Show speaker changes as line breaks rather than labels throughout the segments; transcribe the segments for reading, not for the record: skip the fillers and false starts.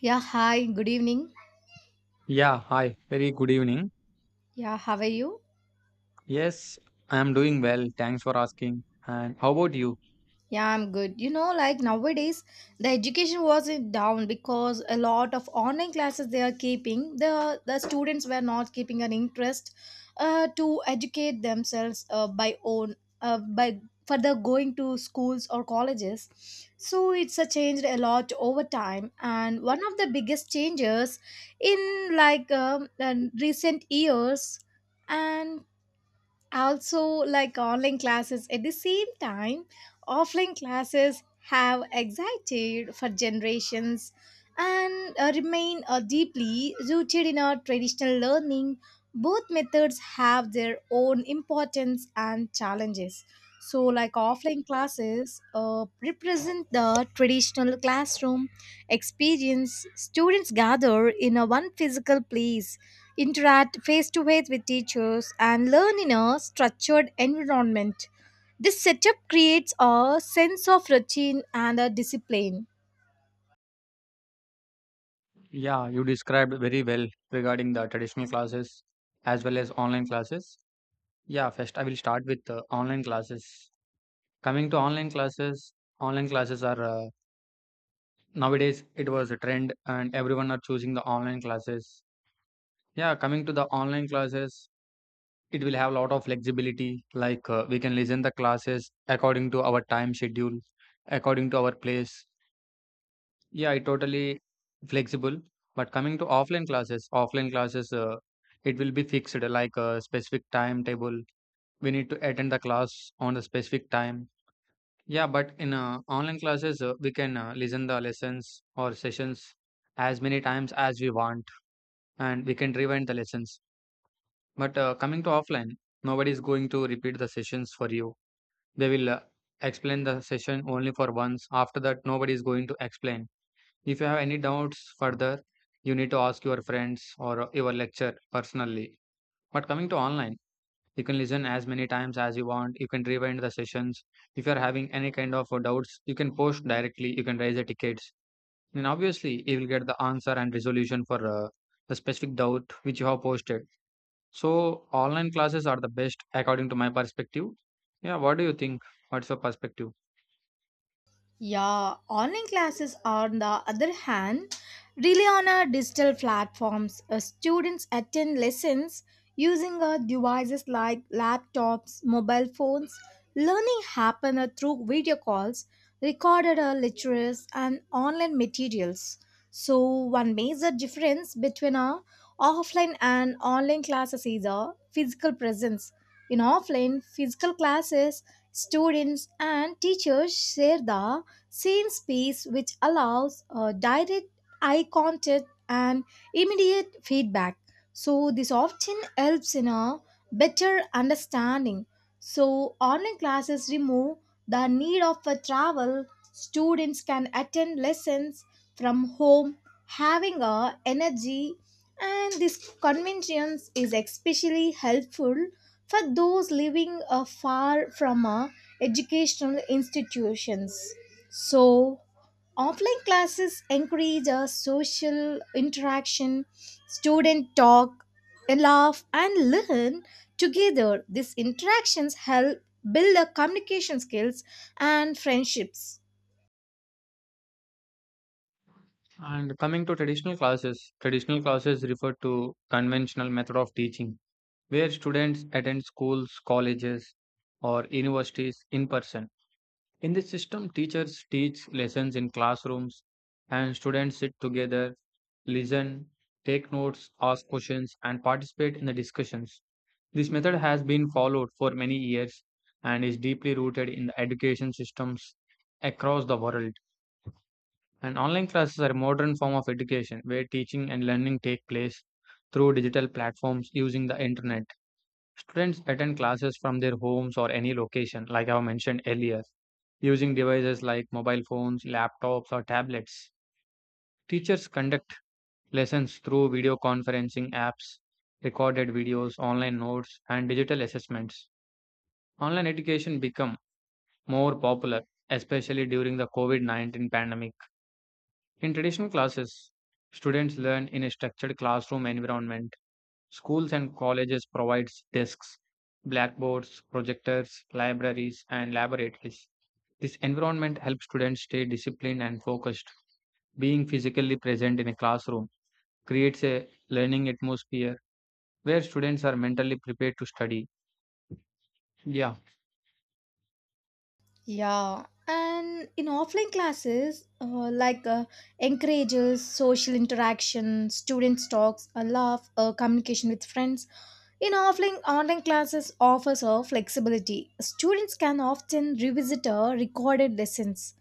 Yeah, hi, good evening.
Yeah, hi. Very good evening.
Yeah, how are you?
Yes, I am doing well. Thanks for asking. And how about you?
Yeah, I'm good. You know, like nowadays, the education was in down because a lot of online classes they are keeping. The students were not keeping an interest to educate themselves by own by further going to schools or colleges. So it's changed a lot over time. And one of the biggest changes in like recent years and also like online classes at the same time offline classes have existed for generations and remain deeply rooted in our traditional learning. Both methods have their own importance and challenges. So like offline classes represent the traditional classroom experience. Students gather in a one physical place, interact face to face with teachers, and learn in a structured environment. This setup creates a sense of routine and a discipline.
Yeah, you described very well regarding the traditional classes as well as online classes. Yeah, first I will start with online classes. Coming to online classes are nowadays it was a trend and everyone are choosing the online classes. Yeah, coming to the online classes, it will have a lot of flexibility like we can listen the classes according to our time schedule, according to our place. Yeah, it totally flexible. But coming to offline classes, it will be fixed like a specific timetable. We need to attend the class on a specific time. Yeah, but in online classes, we can listen the lessons or sessions as many times as we want, and we can rewind the lessons. But coming to offline, nobody is going to repeat the sessions for you. They will explain the session only for once. After that, nobody is going to explain. If you have any doubts further, you need to ask your friends or your lecturer personally. But coming to online, you can listen as many times as you want. You can rewind the sessions. If you are having any kind of doubts, you can post directly. You can raise the tickets. And obviously, you will get the answer and resolution for the specific doubt which you have posted. So, online classes are the best according to my perspective. Yeah, what do you think? What's your perspective?
Yeah, online classes on the other hand rely on our digital platforms. Students attend lessons using devices like laptops, mobile phones. Learning happen through video calls, recorded lectures, and online materials. So one major difference between our offline and online classes is a physical presence. In offline physical classes, students and teachers share the scene space, which allows direct eye contact and immediate feedback. So, this often helps in a better understanding. So, online classes remove the need of a travel. Students can attend lessons from home, having a energy, and this convenience is especially helpful for those living far from educational institutions. So, offline classes encourage a social interaction, student talk, laugh, and learn together. These interactions help build the communication skills and friendships.
And coming to traditional classes refer to conventional method of teaching where students attend schools, colleges, or universities in person. In this system, teachers teach lessons in classrooms and students sit together, listen, take notes, ask questions, and participate in the discussions. This method has been followed for many years and is deeply rooted in the education systems across the world. And online classes are a modern form of education where teaching and learning take place through digital platforms using the internet. Students attend classes from their homes or any location, like I mentioned earlier, using devices like mobile phones, laptops, or tablets. Teachers conduct lessons through video conferencing apps, recorded videos, online notes, and digital assessments. Online education become more popular, especially during the COVID-19 pandemic. In traditional classes, students learn in a structured classroom environment. Schools and colleges provides desks, blackboards, projectors, libraries, and laboratories. This environment helps students stay disciplined and focused. Being physically present in a classroom creates a learning atmosphere where students are mentally prepared to study. Yeah,
Yeah, and in offline classes, encourages social interaction, students talks, a laugh, communication with friends. In offline online classes offers a flexibility. Students can often revisit a recorded lessons,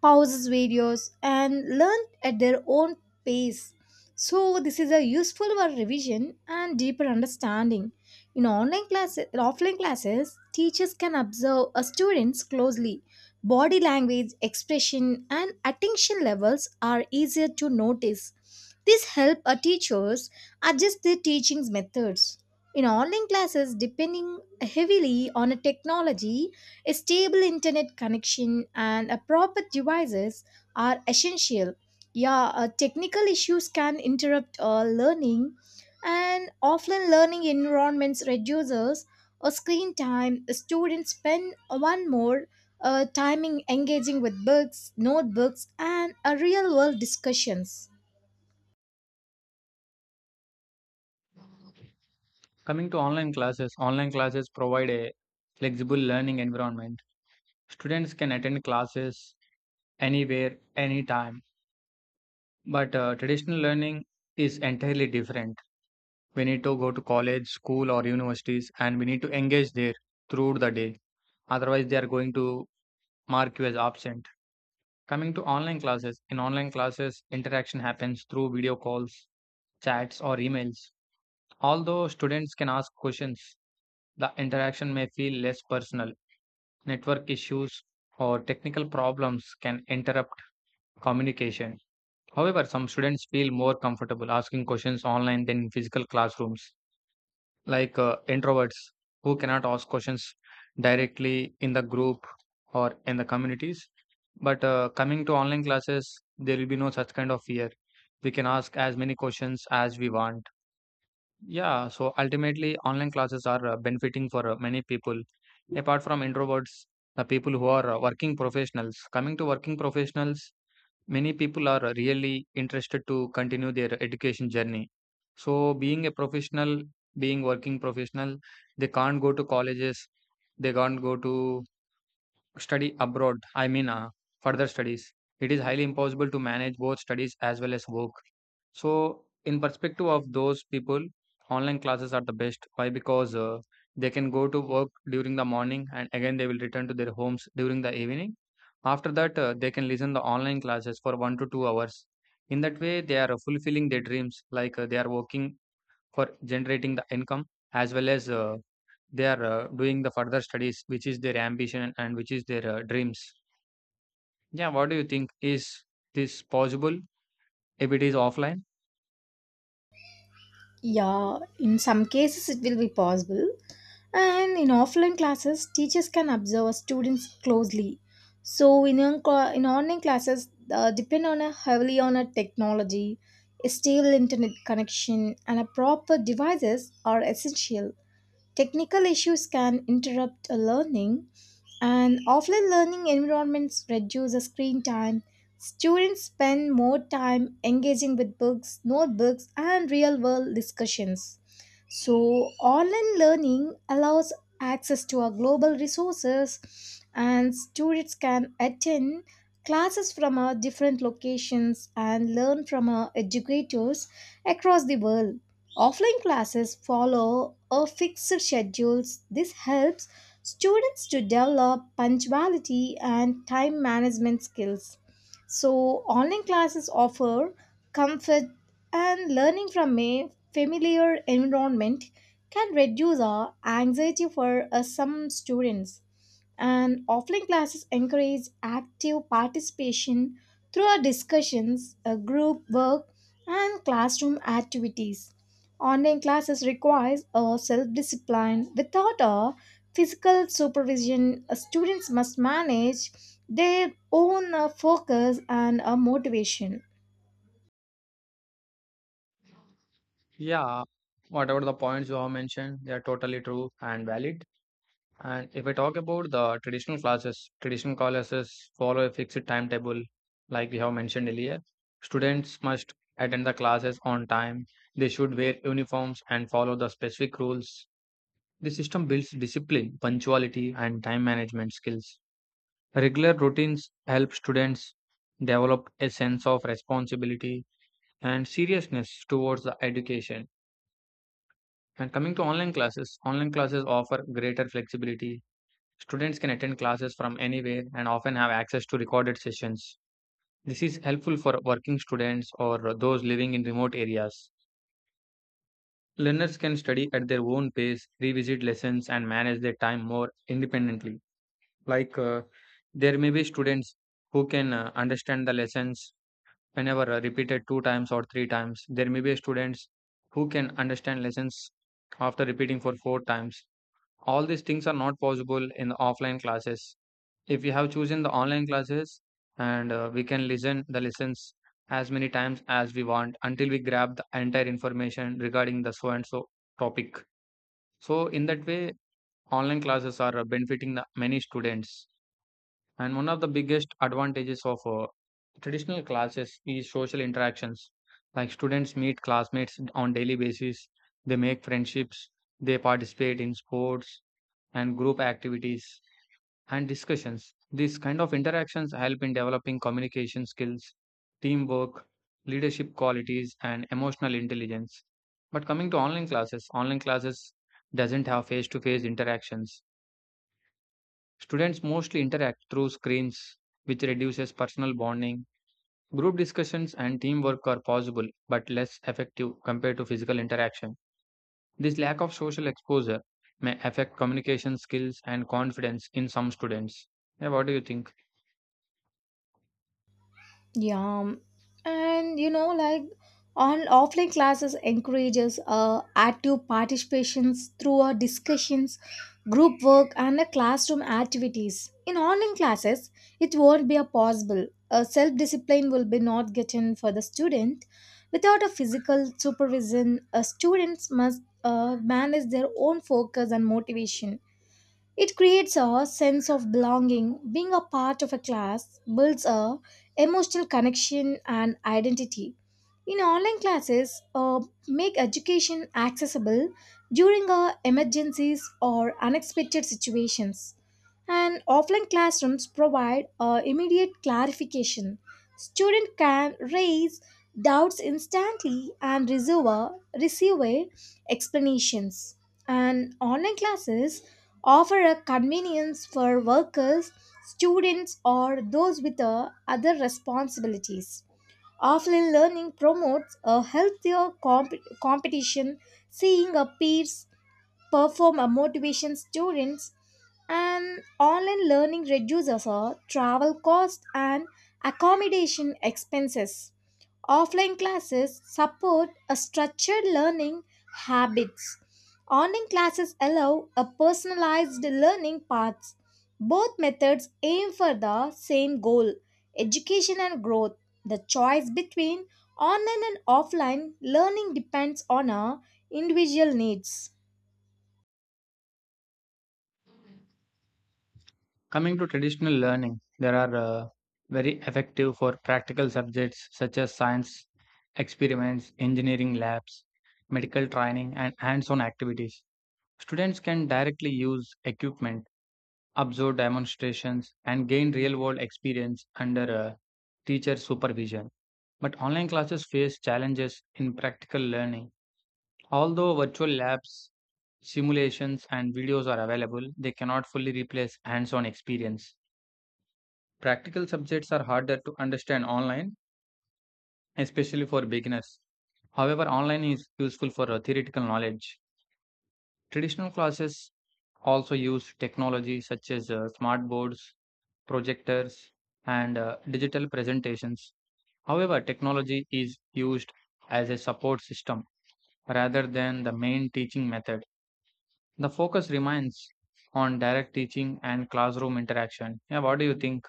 pauses videos, and learn at their own pace. So, this is a useful for revision and deeper understanding. In online classes, offline classes, teachers can observe a students closely. Body language, expression, and attention levels are easier to notice. This help our teachers adjust their teaching methods. In online classes, depending heavily on a technology, a stable internet connection and a proper devices are essential. Yeah, technical issues can interrupt learning, and offline learning environments reduces screen time. Students spend one more timing engaging with books, notebooks, and real world discussions.
coming to online classes provide a flexible learning environment. Students can attend classes anywhere, anytime, but traditional learning is entirely different. We need to go to college, school, or universities, and we need to engage there throughout the day, otherwise they are going to mark you as absent. Coming to online classes, in online classes interaction happens through video calls, chats, or emails. Although students can ask questions, the interaction may feel less personal. Network issues or technical problems can interrupt communication. However, some students feel more comfortable asking questions online than in physical classrooms, like introverts who cannot ask questions directly in the group or in the communities. But coming to online classes, there will be no such kind of fear. We can ask as many questions as we want. Yeah, so ultimately, online classes are benefiting for many people. Apart from introverts, the people who are working professionals. Coming to working professionals, many people are really interested to continue their education journey. So, being a professional, being working professional, they can't go to colleges, they can't go to study abroad. I mean, further studies. It is highly impossible to manage both studies as well as work. So, in perspective of those people, online classes are the best. Why? Because they can go to work during the morning and again they will return to their homes during the evening. After that, they can listen the online classes for 1 to 2 hours. In that way, they are fulfilling their dreams, like they are working for generating the income as well as they are doing the further studies, which is their ambition and which is their dreams. Yeah, what do you think? Is this possible if it is offline?
Yeah, in some cases it will be possible. And in offline classes, teachers can observe students closely. So in online classes, depend on a heavily on a technology, a stable internet connection, and a proper devices are essential. Technical issues can interrupt a learning, and offline learning environments reduce the screen time. Students spend more time engaging with books, notebooks, and real world discussions. So, online learning allows access to our global resources, and students can attend classes from our different locations and learn from our educators across the world. Offline classes follow a fixed schedule. This helps students to develop punctuality and time management skills. So, online classes offer comfort, and learning from a familiar environment can reduce our anxiety for some students. And offline classes encourage active participation through our discussions, group work, and classroom activities. Online classes requires a self-discipline without a physical supervision. Students must manage their own focus and motivation.
Yeah, whatever the points you have mentioned, they are totally true and valid. And if I talk about the traditional classes follow a fixed timetable, like we have mentioned earlier. Students must attend the classes on time. They should wear uniforms and follow the specific rules. The system builds discipline, punctuality, and time management skills. Regular routines help students develop a sense of responsibility and seriousness towards the education. And coming to online classes offer greater flexibility. Students can attend classes from anywhere and often have access to recorded sessions. This is helpful for working students or those living in remote areas. Learners can study at their own pace, revisit lessons, and manage their time more independently. Like, there may be students who can understand the lessons whenever repeated two times or three times. There may be students who can understand lessons after repeating for four times. All these things are not possible in the offline classes. If we have chosen the online classes, and we can listen the lessons as many times as we want until we grab the entire information regarding the so and so topic. So in that way, online classes are benefiting the many students. And one of the biggest advantages of traditional classes is social interactions, like students meet classmates on daily basis, they make friendships, they participate in sports and group activities and discussions. These kind of interactions help in developing communication skills, teamwork, leadership qualities, and emotional intelligence. But coming to online classes doesn't have face-to-face interactions. Students mostly interact through screens, which reduces personal bonding. Group discussions and teamwork are possible but less effective compared to physical interaction. This lack of social exposure may affect communication skills and confidence in some students. Yeah, what do you think?
Yeah, and you know, like on offline classes encourages active participations through our discussions, group work, and the classroom activities. In online classes, it won't be a possible. A self-discipline will be not getting for the student. Without a physical supervision, students must manage their own focus and motivation. It creates a sense of belonging. Being a part of a class builds a emotional connection and identity. In online classes, make education accessible during emergencies or unexpected situations. And offline classrooms provide immediate clarification. Student can raise doubts instantly and receive a explanations. And online classes offer a convenience for workers, students, or those with other responsibilities. Offline learning promotes a healthier competition, seeing a peers perform a motivation students, and online learning reduces our travel cost and accommodation expenses. Offline classes support a structured learning habits. Online classes allow a personalized learning paths. Both methods aim for the same goal, education and growth. The choice between online and offline learning depends on our individual needs.
Coming to traditional learning, there are very effective for practical subjects such as science experiments, engineering labs, medical training, and hands on activities. Students can directly use equipment, observe demonstrations, and gain real world experience under teacher supervision. But online classes face challenges in practical learning. Although virtual labs, simulations, and videos are available, they cannot fully replace hands on experience. Practical subjects are harder to understand online, especially for beginners. However, online is useful for theoretical knowledge. Traditional classes also use technology such as smart boards, projectors, and digital presentations. However, technology is used as a support system rather than the main teaching method. The focus remains on direct teaching and classroom interaction. Yeah, what do you think?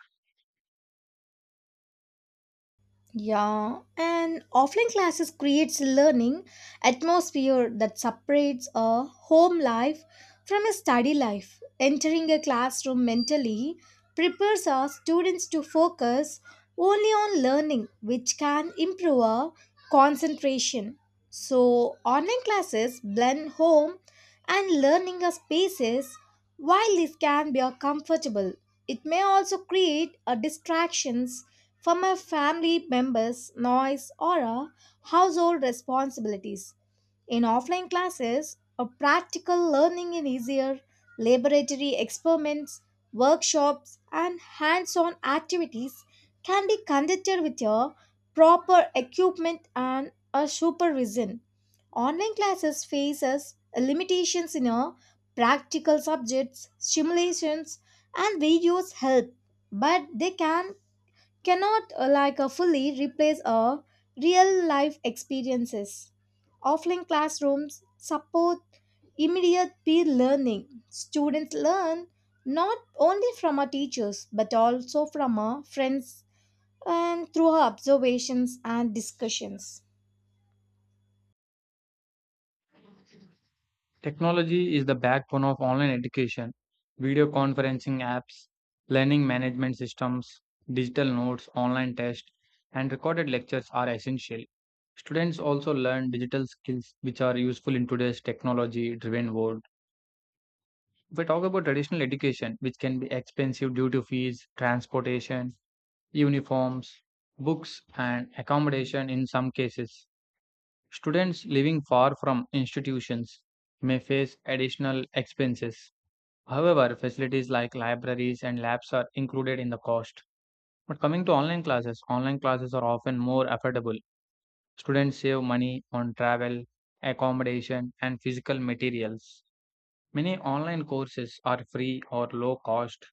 Yeah, and offline classes creates learning atmosphere that separates a home life from a study life. Entering a classroom mentally prepares our students to focus only on learning, which can improve our concentration. So, online classes blend home and learning as spaces. While this can be a comfortable, it may also create a distractions from a family member's noise or a household responsibilities. In offline classes, a practical learning is easier. Laboratory experiments, workshops, and hands on activities can be conducted with your proper equipment and a supervision. Online classes faces limitations in a practical subjects. Simulations, and videos help, but they cannot fully replace our real life experiences. Offline classrooms support immediate peer learning. Students learn not only from our teachers but also from our friends and through our observations and discussions.
Technology is the backbone of online education. Video conferencing apps, learning management systems, digital notes, online tests, and recorded lectures are essential. Students also learn digital skills which are useful in today's technology driven world. If we talk about traditional education, which can be expensive due to fees, transportation, uniforms, books, and accommodation in some cases, students living far from institutions may face additional expenses. However, facilities like libraries and labs are included in the cost. But coming to online classes are often more affordable. Students save money on travel, accommodation, and physical materials. Many online courses are free or low cost.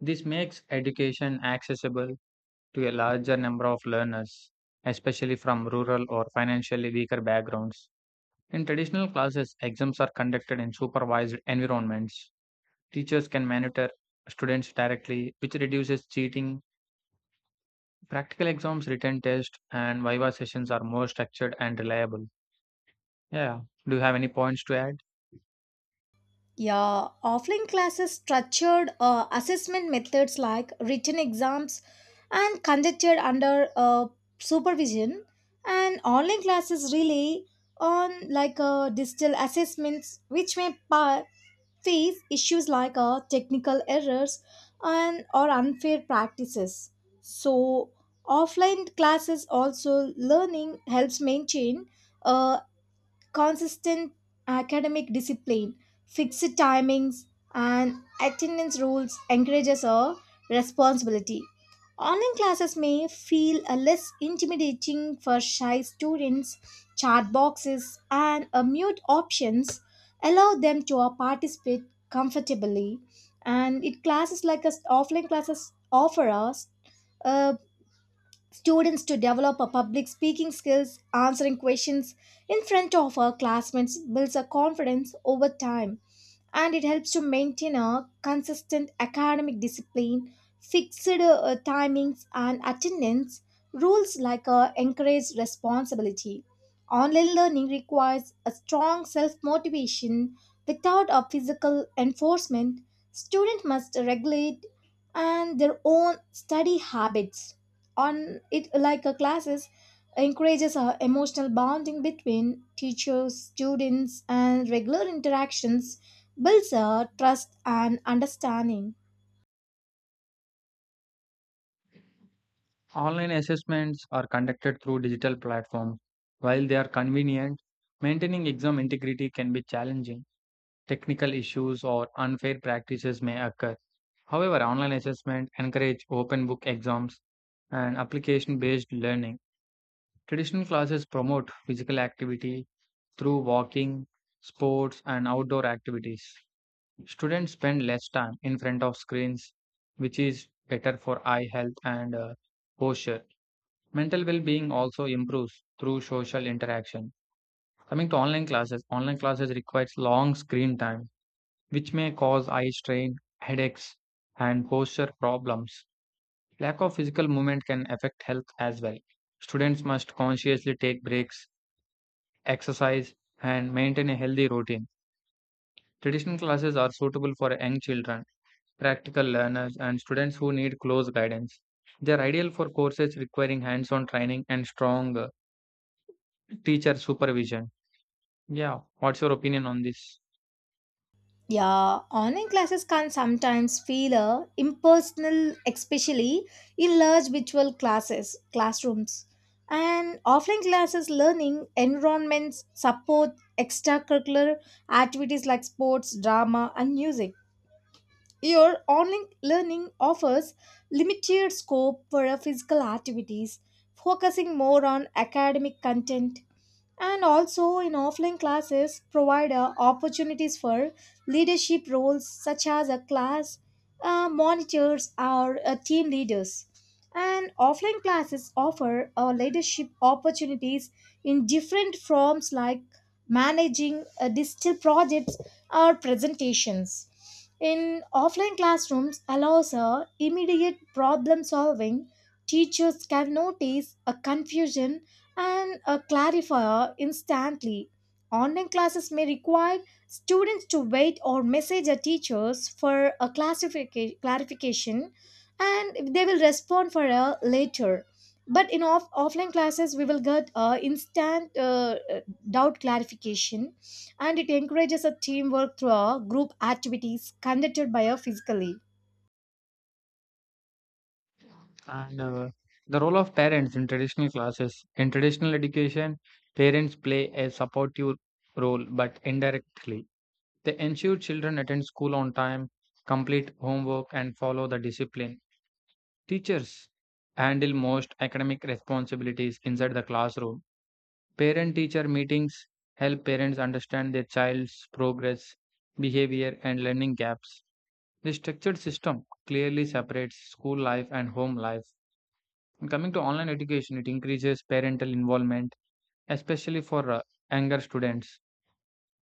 This makes education accessible to a larger number of learners, especially from rural or financially weaker backgrounds. In traditional classes, exams are conducted in supervised environments. Teachers can monitor students directly, which reduces cheating. Practical exams, written tests, and Viva sessions are more structured and reliable. Yeah. Do you have any points to add?
Yeah, offline classes structured assessment methods like written exams and conducted under supervision, and online classes rely on like digital assessments, which face issues like technical errors and or unfair practices. So, offline classes also learning helps maintain. Uh, Consistent academic discipline, fixed timings, and attendance rules encourages a responsibility. Online classes may feel a less intimidating for shy students. Chat boxes and a mute options allow them to participate comfortably. And it classes like us offline classes offer us a students to develop a public speaking skills, answering questions in front of our classmates builds a confidence over time, and it helps to maintain a consistent academic discipline, fixed timings and attendance rules like encourage responsibility. Online learning requires a strong self-motivation without a physical enforcement. Students must regulate and their own study habits. On it like a classes encourages a emotional bonding between teachers students, and regular interactions builds a trust and understanding.
Online assessments are conducted through digital platforms. While they are convenient, maintaining exam integrity can be challenging. Technical issues or unfair practices may occur. However, online assessment encourage open book exams and application based learning. Traditional classes promote physical activity. Through walking, sports, and outdoor activities, students spend less time in front of screens, which is better for eye health and posture. Mental well being also improves through social interaction. Coming to online classes requires long screen time, which may cause eye strain, headaches, and posture problems. Lack of physical movement can affect health as well. Students must consciously take breaks, exercise, and maintain a healthy routine. Traditional classes are suitable for young children, practical learners, and students who need close guidance. They are ideal for courses requiring hands on training and strong teacher supervision. Yeah, what's your opinion on this?
Yeah, online classes can sometimes feel impersonal, especially in large virtual classes classrooms. And offline classes learning environments support extracurricular activities like sports, drama, and music. Your online learning offers limited scope for physical activities, focusing more on academic content. And also in offline classes provide opportunities for leadership roles such as a class monitors or team leaders, and offline classes offer leadership opportunities in different forms like managing digital projects or presentations. In offline classrooms allows immediate problem solving. Teachers can notice a confusion and a clarifier instantly. Online classes may require students to wait or message their teachers for a clarification, and they will respond for a later. But in offline classes, we will get instant doubt clarification, and it encourages a teamwork through a group activities conducted by a physically.
And the role of parents in traditional classes. In traditional education, parents play a supportive role but indirectly. They ensure children attend school on time, complete homework, and follow the discipline. Teachers handle most academic responsibilities inside the classroom. Parent teacher meetings help parents understand their child's progress, behavior, and learning gaps. The structured system clearly separates school life and home life. And coming to online education, it increases parental involvement, especially for younger students.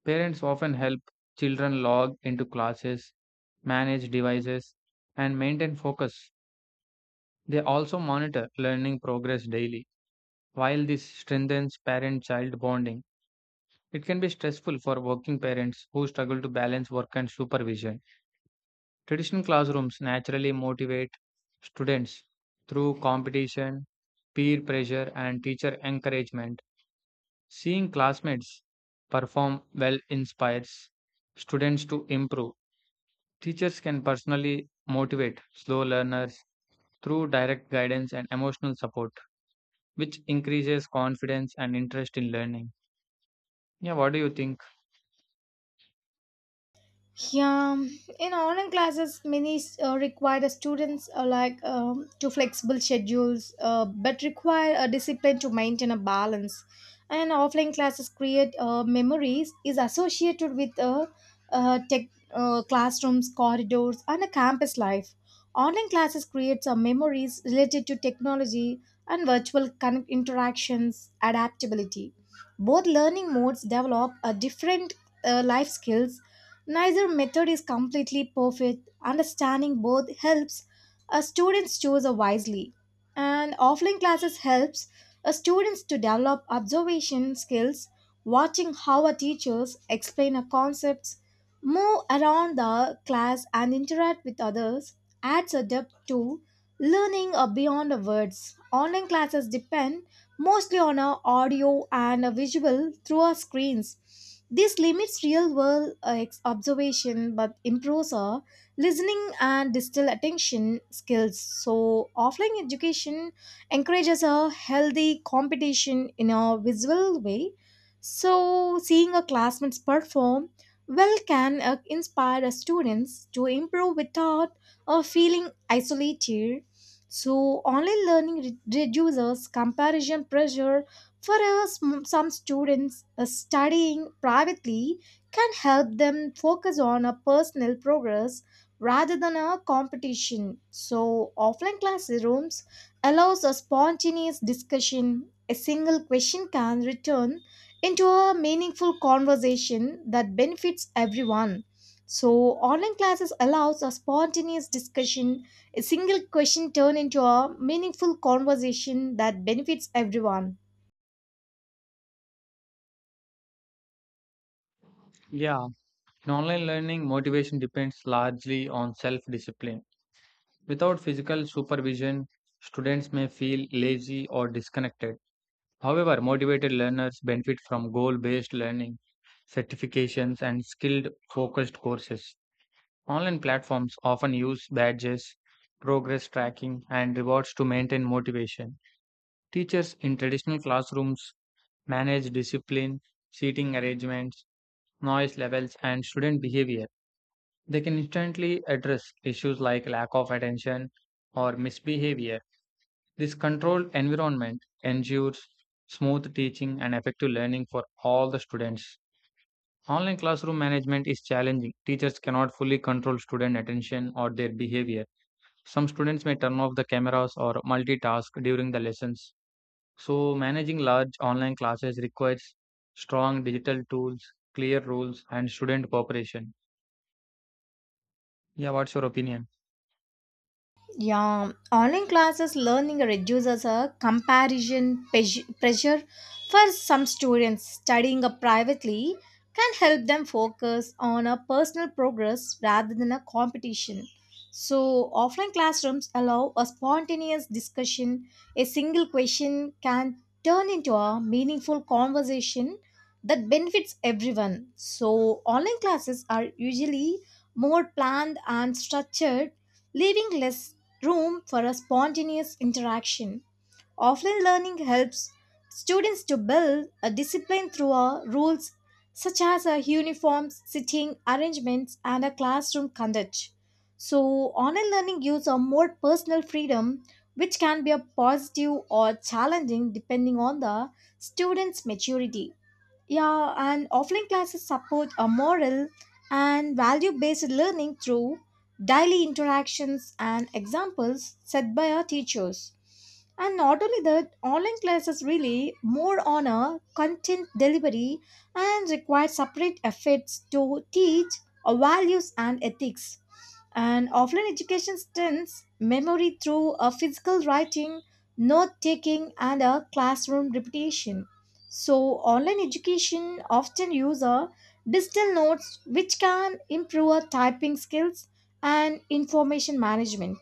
Parents often help children log into classes, manage devices, and maintain focus. They also monitor learning progress daily. While this strengthens parent child bonding, it can be stressful for working parents who struggle to balance work and supervision. Traditional classrooms naturally motivate students through competition, peer pressure, and teacher encouragement. Seeing classmates perform well inspires students to improve. Teachers can personally motivate slow learners through direct guidance and emotional support, which increases confidence and interest in learning. Yeah, what do you think?
Yeah, in online classes, many require the students to flexible schedules, but require a discipline to maintain a balance. And offline classes create memories is associated with tech classrooms, corridors, and a campus life. Online classes create some memories related to technology and interactions, adaptability. Both learning modes develop a different life skills. Neither method is completely perfect. Understanding both helps a students choose wisely. And offline classes helps a students to develop observation skills. Watching how a teachers explain a concepts, move around the class and interact with others adds a depth to learning beyond the words. Online classes depend mostly on a audio and a visual through our screens. This limits real world observation but improves our listening and digital attention skills. So, offline education encourages a healthy competition in a visual way. So, seeing a classmates perform well can inspire the students to improve without feeling isolated. So, online learning reduces comparison pressure. For us, some students studying privately can help them focus on a personal progress rather than a competition. So, offline classrooms allows a spontaneous discussion. A single question can return into a meaningful conversation that benefits everyone. So, online classes allows a spontaneous discussion, a single question turned into a meaningful conversation that benefits everyone.
Yeah, in online learning, motivation depends largely on self discipline. Without physical supervision, students may feel lazy or disconnected. However, motivated learners benefit from goal based learning, certifications, and skilled focused courses. Online platforms often use badges, progress tracking, and rewards to maintain motivation. Teachers in traditional classrooms manage discipline, seating arrangements, noise levels, and student behavior. They can instantly address issues like lack of attention or misbehavior. This controlled environment ensures smooth teaching and effective learning for all the students. Online classroom management is challenging. Teachers cannot fully control student attention or their behavior. Some students may turn off the cameras or multitask during the lessons. So, managing large online classes requires strong digital tools, clear rules, and student cooperation. Yeah, what's your opinion?
Yeah, online classes learning reduces a comparison pressure for some students. Studying a privately can help them focus on a personal progress rather than a competition. So, offline classrooms allow a spontaneous discussion. A single question can turn into a meaningful conversation that benefits everyone. So, online classes are usually more planned and structured, leaving less room for a spontaneous interaction. Offline learning helps students to build a discipline through our rules such as a uniforms, sitting arrangements, and a classroom conduct. So, online learning gives a more personal freedom, which can be a positive or challenging depending on the student's maturity. Yeah, and offline classes support a moral and value based learning through daily interactions and examples set by our teachers. And not only that, online classes really more on a content delivery and require separate efforts to teach our values and ethics. And offline education strengthens memory through a physical writing, note taking, and a classroom repetition. So, online education often use a digital notes which can improve our typing skills and information management.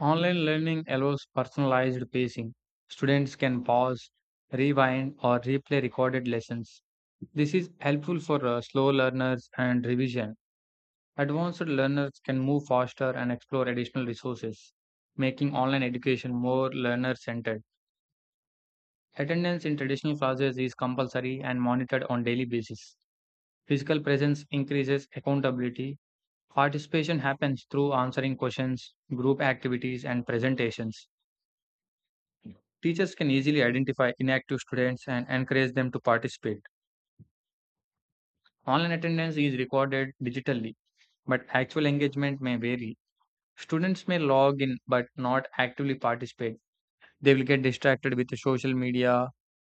Online learning allows personalized pacing. Students can pause, rewind, or replay recorded lessons. This is helpful for slow learners and revision. Advanced learners can move faster and explore additional resources, making online education more learner centered. Attendance in traditional classes is compulsory and monitored on daily basis. Physical presence increases accountability. Participation happens through answering questions, group activities, and presentations. Teachers can easily identify inactive students and encourage them to participate. Online attendance is recorded digitally, but actual engagement may vary. Students may log in but not actively participate. They will get distracted with the social media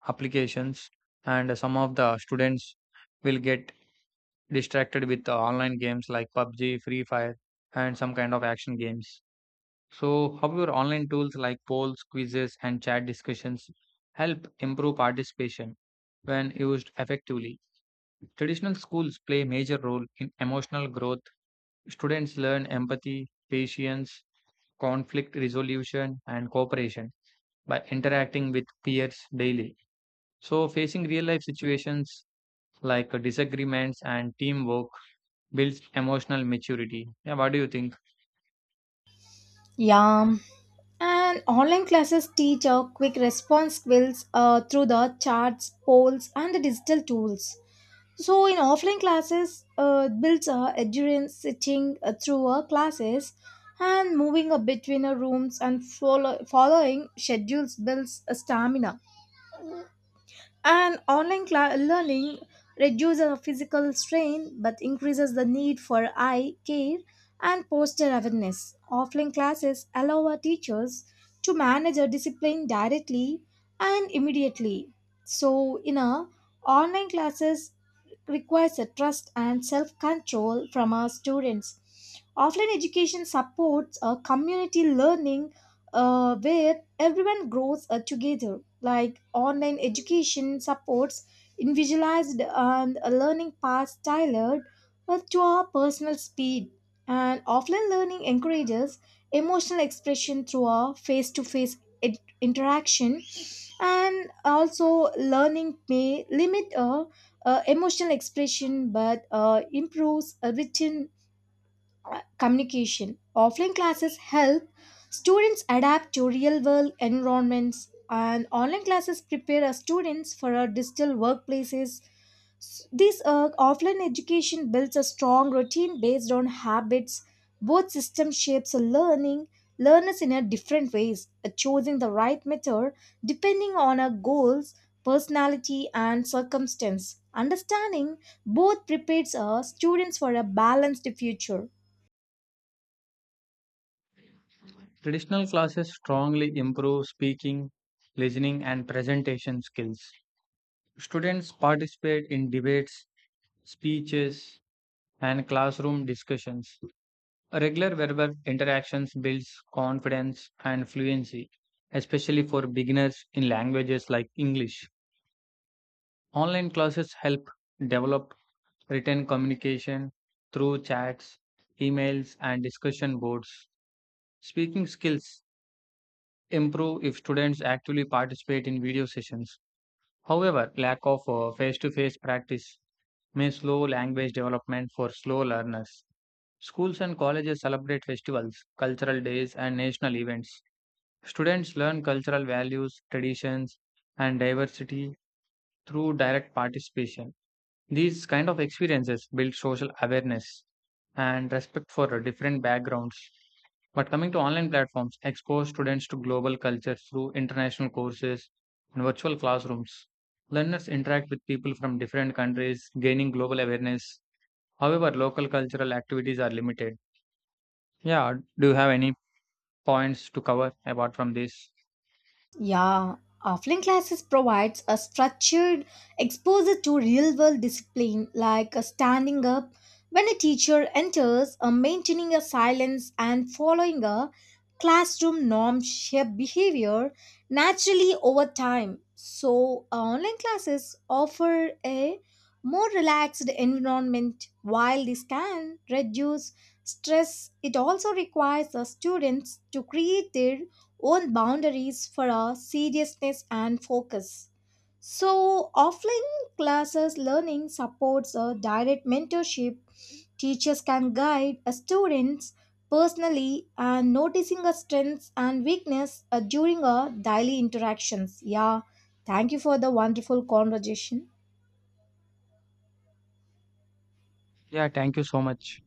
applications, and some of the students will get distracted with the online games like PUBG, Free Fire, and some kind of action games. So, how your online tools like polls, quizzes, and chat discussions help improve participation when used effectively? Traditional schools play a major role in emotional growth. Students learn empathy, patience, conflict resolution, and cooperation by interacting with peers daily. So, facing real life situations like disagreements and teamwork builds emotional maturity. Yeah, what do you think?
Yeah. And online classes teach our quick response skills through the charts, polls, and the digital tools. So, in offline classes, it builds endurance sitting through our classes, and moving between our rooms and following schedules builds a stamina. And online learning reduces the physical strain but increases the need for eye care and posture awareness. Offline classes allow our teachers to manage a discipline directly and immediately. So, in a online classes, requires a trust and self control from our students. Offline education supports a community learning where everyone grows together. Like online education supports individualized and learning paths tailored to our personal speed. And offline learning encourages emotional expression through our face to face interaction, and also learning may limit a emotional expression but improves a written communication. Offline classes help students adapt to real world environments, and online classes prepare our students for our digital workplaces. This offline education builds a strong routine based on habits. Both system shapes learning learners in a different ways. Choosing the right method depending on our goals, personality, and circumstance. Understanding both prepares our students for a balanced future.
Traditional classes strongly improve speaking, listening, and presentation skills. Students participate in debates, speeches, and classroom discussions. Regular verbal interactions builds confidence and fluency, especially for beginners in languages like English. Online classes help develop written communication through chats, emails, and discussion boards. Speaking skills improve if students actively participate in video sessions. However, lack of face to face practice may slow language development for slow learners. Schools and colleges celebrate festivals, cultural days, and national events. Students learn cultural values, traditions, and diversity through direct participation. These kind of experiences build social awareness and respect for different backgrounds. But coming to online platforms, expose students to global cultures through international courses and virtual classrooms. Learners interact with people from different countries, gaining global awareness. However, local cultural activities are limited. Yeah, do you have any points to cover apart from this?
Yeah, offline classes provides a structured exposure to real-world discipline like standing up when a teacher enters, maintaining a silence and following a classroom norm shape behavior naturally over time. So, online classes offer a more relaxed environment. While this can reduce stress, it also requires the students to create their own boundaries for our seriousness and focus. So, offline classes learning supports a direct mentorship. Teachers can guide a students personally and noticing a strengths and weakness during our daily interactions. Yeah, thank you for the wonderful conversation.
Yeah, thank you so much.